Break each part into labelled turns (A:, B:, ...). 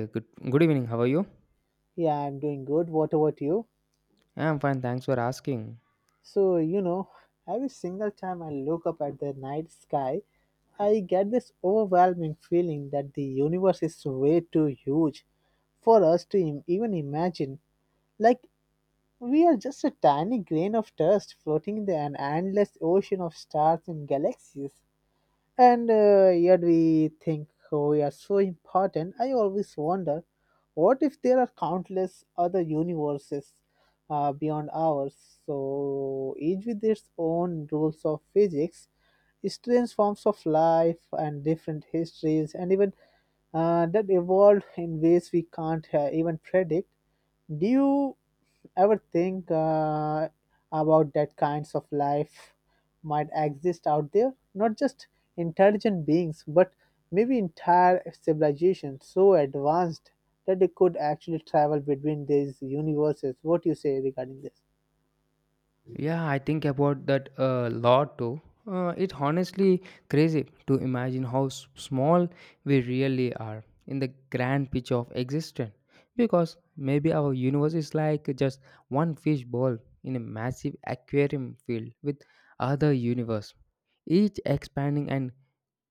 A: Uh, Good, Good evening. How are you?
B: Yeah, I'm doing good. What about you?
A: Yeah, I'm fine. Thanks for asking.
B: So, every single time I look up at the night sky, I get this overwhelming feeling that the universe is way too huge for us to even imagine. Like, we are just a tiny grain of dust floating in an endless ocean of stars and galaxies. And yet we think oh, we are so important. I always wonder, what if there are countless other universes beyond ours? So each with its own rules of physics, strange forms of life, and different histories, and even that evolved in ways we can't even predict. Do you ever think about that kinds of life might exist out there? Not just intelligent beings, but maybe entire civilizations so advanced that they could actually travel between these universes. What do you say regarding this?
A: Yeah, I think about that a lot too. It's honestly crazy to imagine how small we really are in the grand picture of existence. Because maybe our universe is like just one fish ball in a massive aquarium filled with other universe, each expanding and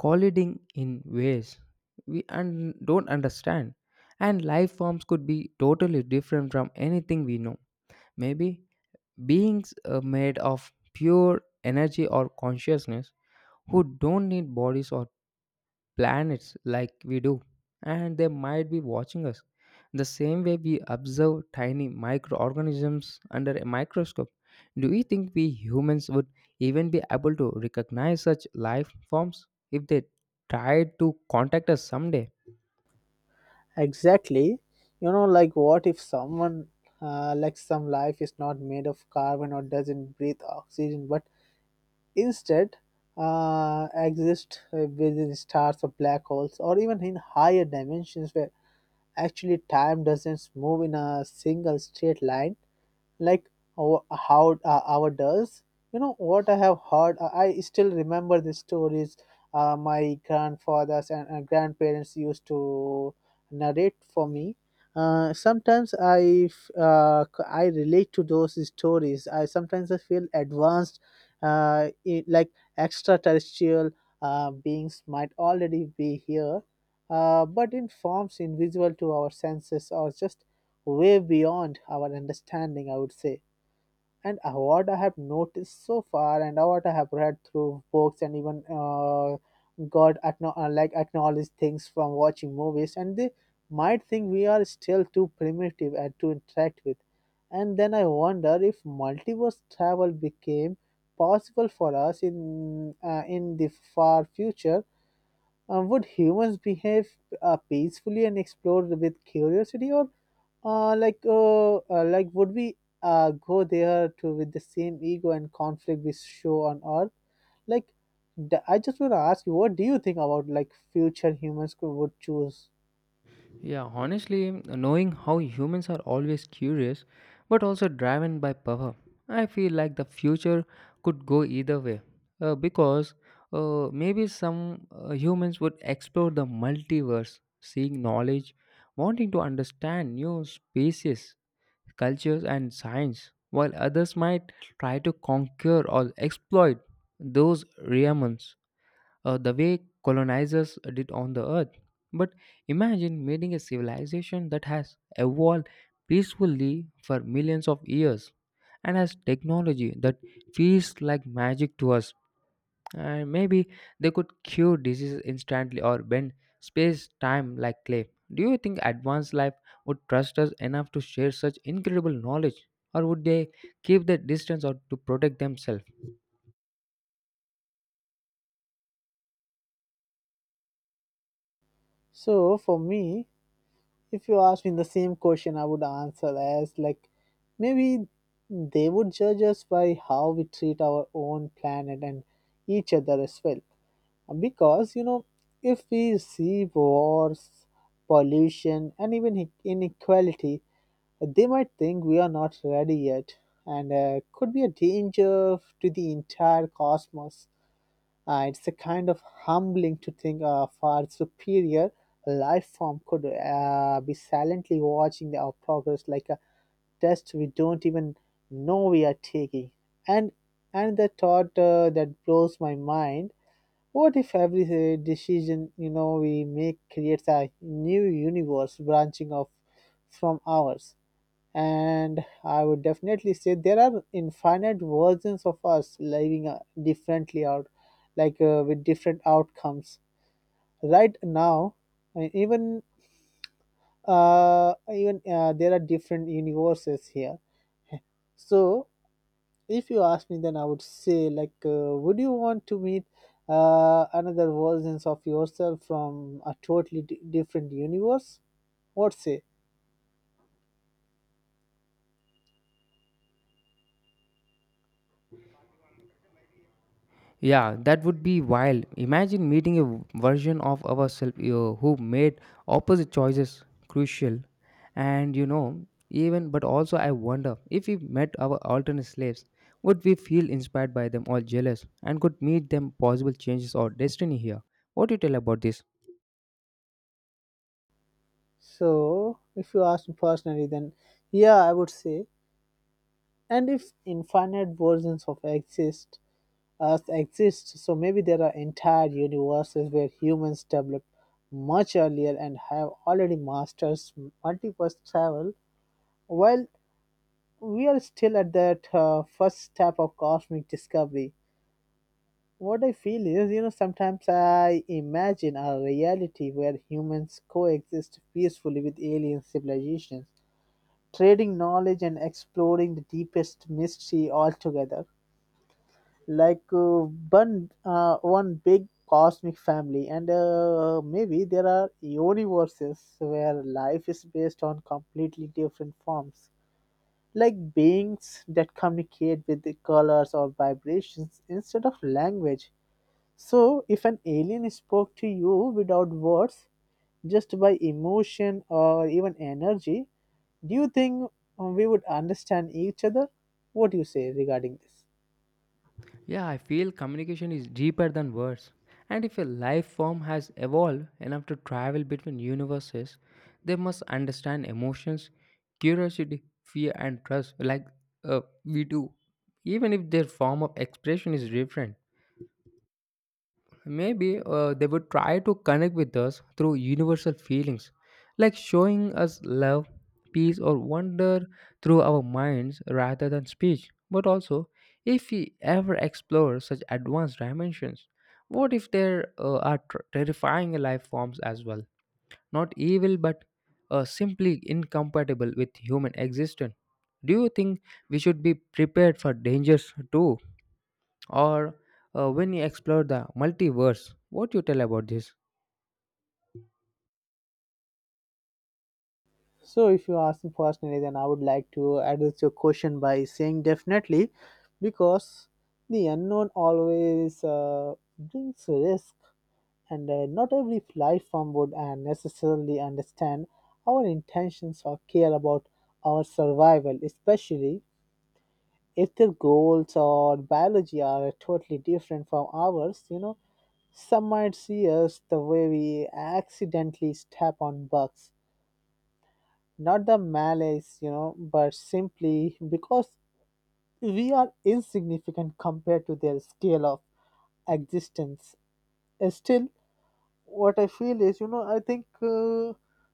A: colliding in ways we don't understand. And life forms could be totally different from anything we know. Maybe beings made of pure energy or consciousness who don't need bodies or planets like we do, and they might be watching us. The same way we observe tiny microorganisms under a microscope. Do you think we humans would even be able to recognize such life forms if they tried to contact us someday?
B: Exactly. Like, what if someone, like some life is not made of carbon or doesn't breathe oxygen, but instead, exist within stars or black holes, or even in higher dimensions where actually time doesn't move in a single straight line like how our does. You know what I have heard, I still remember the stories my grandfathers and grandparents used to narrate for me. Sometimes I relate to those stories. I sometimes i feel advanced, like extraterrestrial beings might already be here, but in forms invisible to our senses or just way beyond our understanding, I would say. And what I have noticed so far, and what I have read through books, and even got like acknowledged things from watching movies, and they might think we are still too primitive and to interact with. And then I wonder, if multiverse travel became possible for us in the far future, would humans behave peacefully and explore with curiosity, or like would we go there to with the same ego and conflict we show on Earth? Like, I just want to ask you, what do you think about like future humans could would choose?
A: Yeah, honestly, knowing how humans are always curious but also driven by power, I feel like the future could go either way. Because maybe some humans would explore the multiverse, seeking knowledge, wanting to understand new species, cultures, and science, while others might try to conquer or exploit those realms the way colonizers did on the earth. But imagine meeting a civilization that has evolved peacefully for millions of years and has technology that feels like magic to us. And maybe they could cure diseases instantly or bend space time like clay. Do you think advanced life would trust us enough to share such incredible knowledge, or would they keep the distance or to protect themselves?
B: So for me, if you ask me the same question, I would answer as like maybe they would judge us by how we treat our own planet and each other as well, because if we see wars, pollution, and even inequality, they might think we are not ready yet and could be a danger to the entire cosmos. It's a kind of humbling to think a far superior life form could be silently watching our progress like a test we don't even know we are taking. And and the thought, that blows my mind: what if every decision, we make creates a new universe branching off from ours? And I would definitely say there are infinite versions of us living differently out, like, with different outcomes. Right now, uh, even even there are different universes here. So if you ask me, then I would say, like, would you want to meet another versions of yourself from a totally different universe? What say?
A: Yeah, that would be wild. Imagine meeting a version of ourselves who made opposite choices crucial. And you know, even but also I wonder if we met our alternate slaves, would we feel inspired by them or jealous and could meet them possible changes or destiny here? What do you tell about this?
B: So if you ask me personally, then yeah, I would say, and if infinite versions of exist us exist, so maybe there are entire universes where humans developed much earlier and have already mastered multiverse travel, while we are still at that first step of cosmic discovery. What I feel is, sometimes I imagine a reality where humans coexist peacefully with alien civilizations, trading knowledge and exploring the deepest mystery altogether, like, one big cosmic family. And maybe there are universes where life is based on completely different forms, like beings that communicate with the colors or vibrations instead of language. So, if an alien spoke to you without words, just by emotion or even energy, do you think we would understand each other? What do you say regarding this?
A: Yeah, I feel communication is deeper than words. And if a life form has evolved enough to travel between universes, they must understand emotions, curiosity, fear, and trust like we do, even if their form of expression is different. Maybe they would try to connect with us through universal feelings, like showing us love, peace, or wonder through our minds rather than speech. But also, if we ever explore such advanced dimensions, what if there are terrifying life forms as well? Not evil, but simply incompatible with human existence. Do you think we should be prepared for dangers too? Or when you explore the multiverse, what you tell about this?
B: So, if you ask me personally, then I would like to address your question by saying definitely, because the unknown always brings risk, and not every life form would necessarily understand our intentions or care about our survival, especially if their goals or biology are totally different from ours. Some might see us the way we accidentally step on bugs, not the malice, but simply because we are insignificant compared to their scale of existence. Still, what I feel is, I think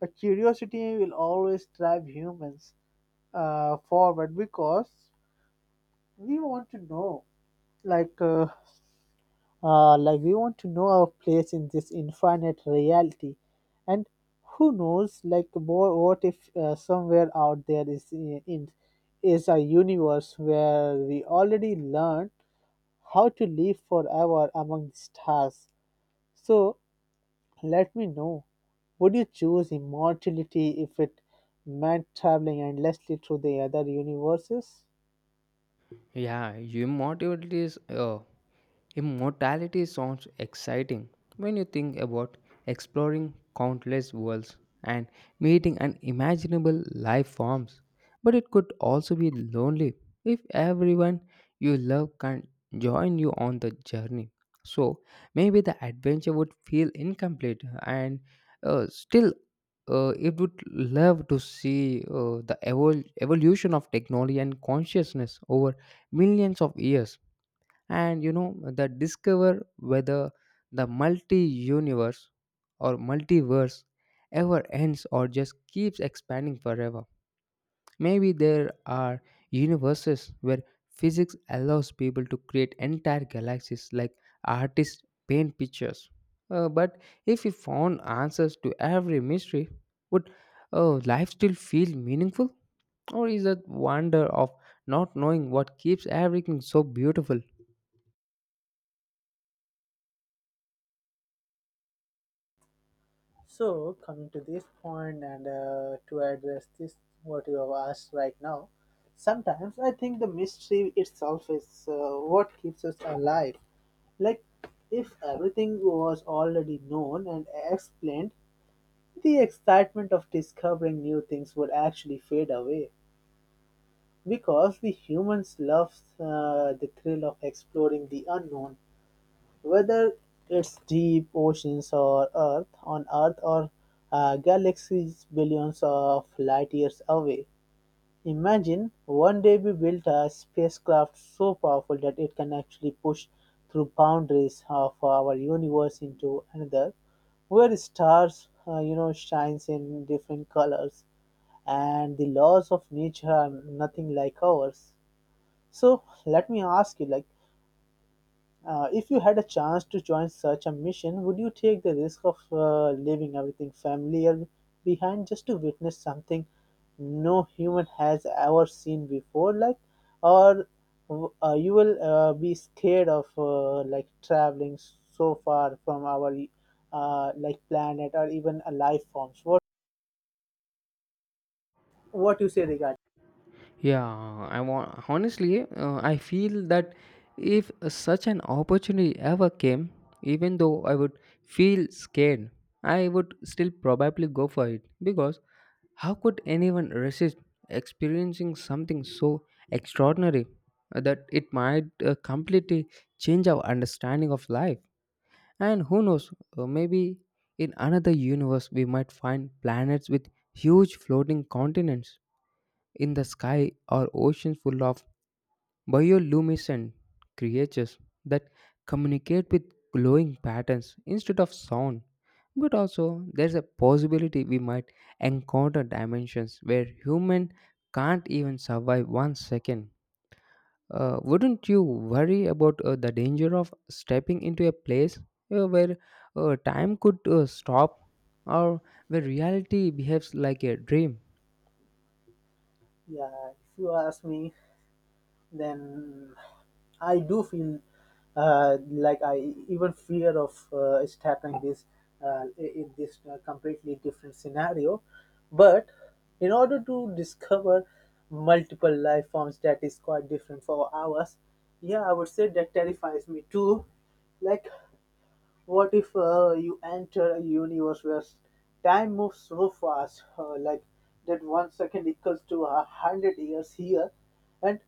B: a curiosity will always drive humans forward, because we want to know, like, we want to know our place in this infinite reality, and who knows, like, more, what if somewhere out there is in is a universe where we already learned how to live forever among the stars. So, let me know. Would you choose immortality if it meant traveling endlessly through the other universes?
A: Yeah, you motivate is Immortality sounds exciting when you think about exploring countless worlds and meeting unimaginable life forms, but it could also be lonely if everyone you love can't join you on the journey. So maybe the adventure would feel incomplete, and uh, still, it would love to see the evolution of technology and consciousness over millions of years, and you know the discover whether the multi universe or multiverse ever ends or just keeps expanding forever. Maybe there are universes where physics allows people to create entire galaxies like artists paint pictures. But if we found answers to every mystery, would life still feel meaningful, or is that wonder of not knowing what keeps everything so beautiful?
B: So, coming to this point, and to address this, what you have asked right now, sometimes I think the mystery itself is what keeps us alive. Like, if everything was already known and explained, the excitement of discovering new things would actually fade away. Because we humans love the thrill of exploring the unknown, whether it's deep oceans or Earth on Earth, or galaxies billions of light years away. Imagine one day we built a spacecraft so powerful that it can actually push through boundaries of our universe into another, where stars, shines in different colors, and the laws of nature are nothing like ours. So let me ask you, like, if you had a chance to join such a mission, would you take the risk of leaving everything familiar behind just to witness something no human has ever seen before, like, or you will be scared of like traveling so far from our like planet or even a life forms? What you say regarding?
A: Yeah, I want honestly, I feel that if such an opportunity ever came, even though I would feel scared, I would still probably go for it because how could anyone resist experiencing something so extraordinary that it might completely change our understanding of life? And who knows, maybe in another universe we might find planets with huge floating continents in the sky or oceans full of bioluminescent creatures that communicate with glowing patterns instead of sound. But also, there's a possibility we might encounter dimensions where human can't even survive 1 second. Wouldn't you worry about the danger of stepping into a place where time could stop, or where reality behaves like a dream?
B: Yeah, if you ask me, then I do feel like I even fear of it's happening this, in this completely different scenario. But in order to discover multiple life forms that is quite different for ours, yeah, I would say that terrifies me too. Like, what if you enter a universe where time moves so fast, like that 1 second equals to 100 years here, and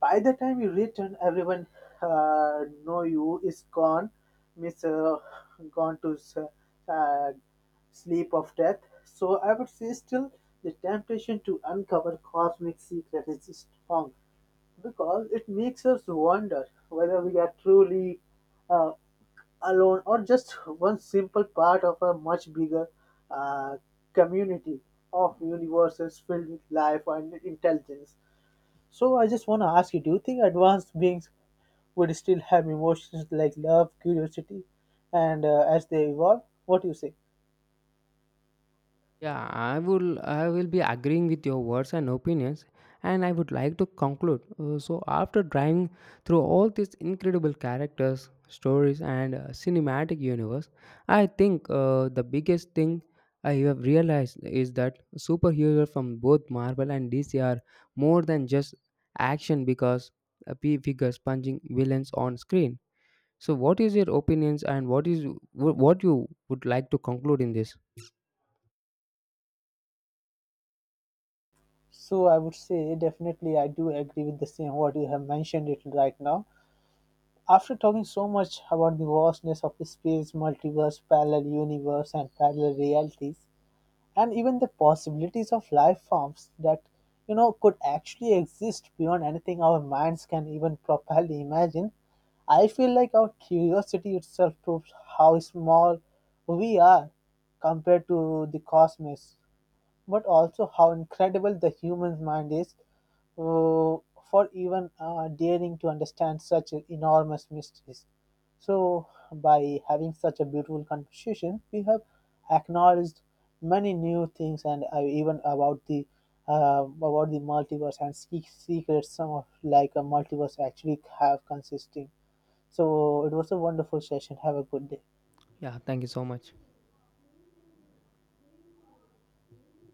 B: by the time you return, everyone know you is gone, miss gone to uh, sleep of death. So I would say still the temptation to uncover cosmic secret is strong, because it makes us wonder whether we are truly uh, alone or just one simple part of a much bigger uh, community of universes filled with life and intelligence. So I just want to ask you, do you think advanced beings would still have emotions like love, curiosity, and as they evolve? What do you say?
A: Yeah, I will be agreeing with your words and opinions, and I would like to conclude. So after driving through all these incredible characters, stories, and cinematic universe, I think the biggest thing I have realized is that superheroes from both Marvel and DC are more than just action because figures punching villains on screen. So what is your opinions, and what you would like to conclude in this?
B: So I would say definitely I do agree with the same what you have mentioned it right now. After talking so much about the vastness of space, multiverse, parallel universe, and parallel realities, and even the possibilities of life forms that could actually exist beyond anything our minds can even properly imagine. I feel like our curiosity itself proves how small we are compared to the cosmos, but also how incredible the human mind is, uh, for even daring to understand such enormous mysteries. So, by having such a beautiful conversation, we have acknowledged many new things, and even about the multiverse and secrets some of like a multiverse actually have consisting. So it was a wonderful session. Have a good day.
A: Yeah, thank you so much.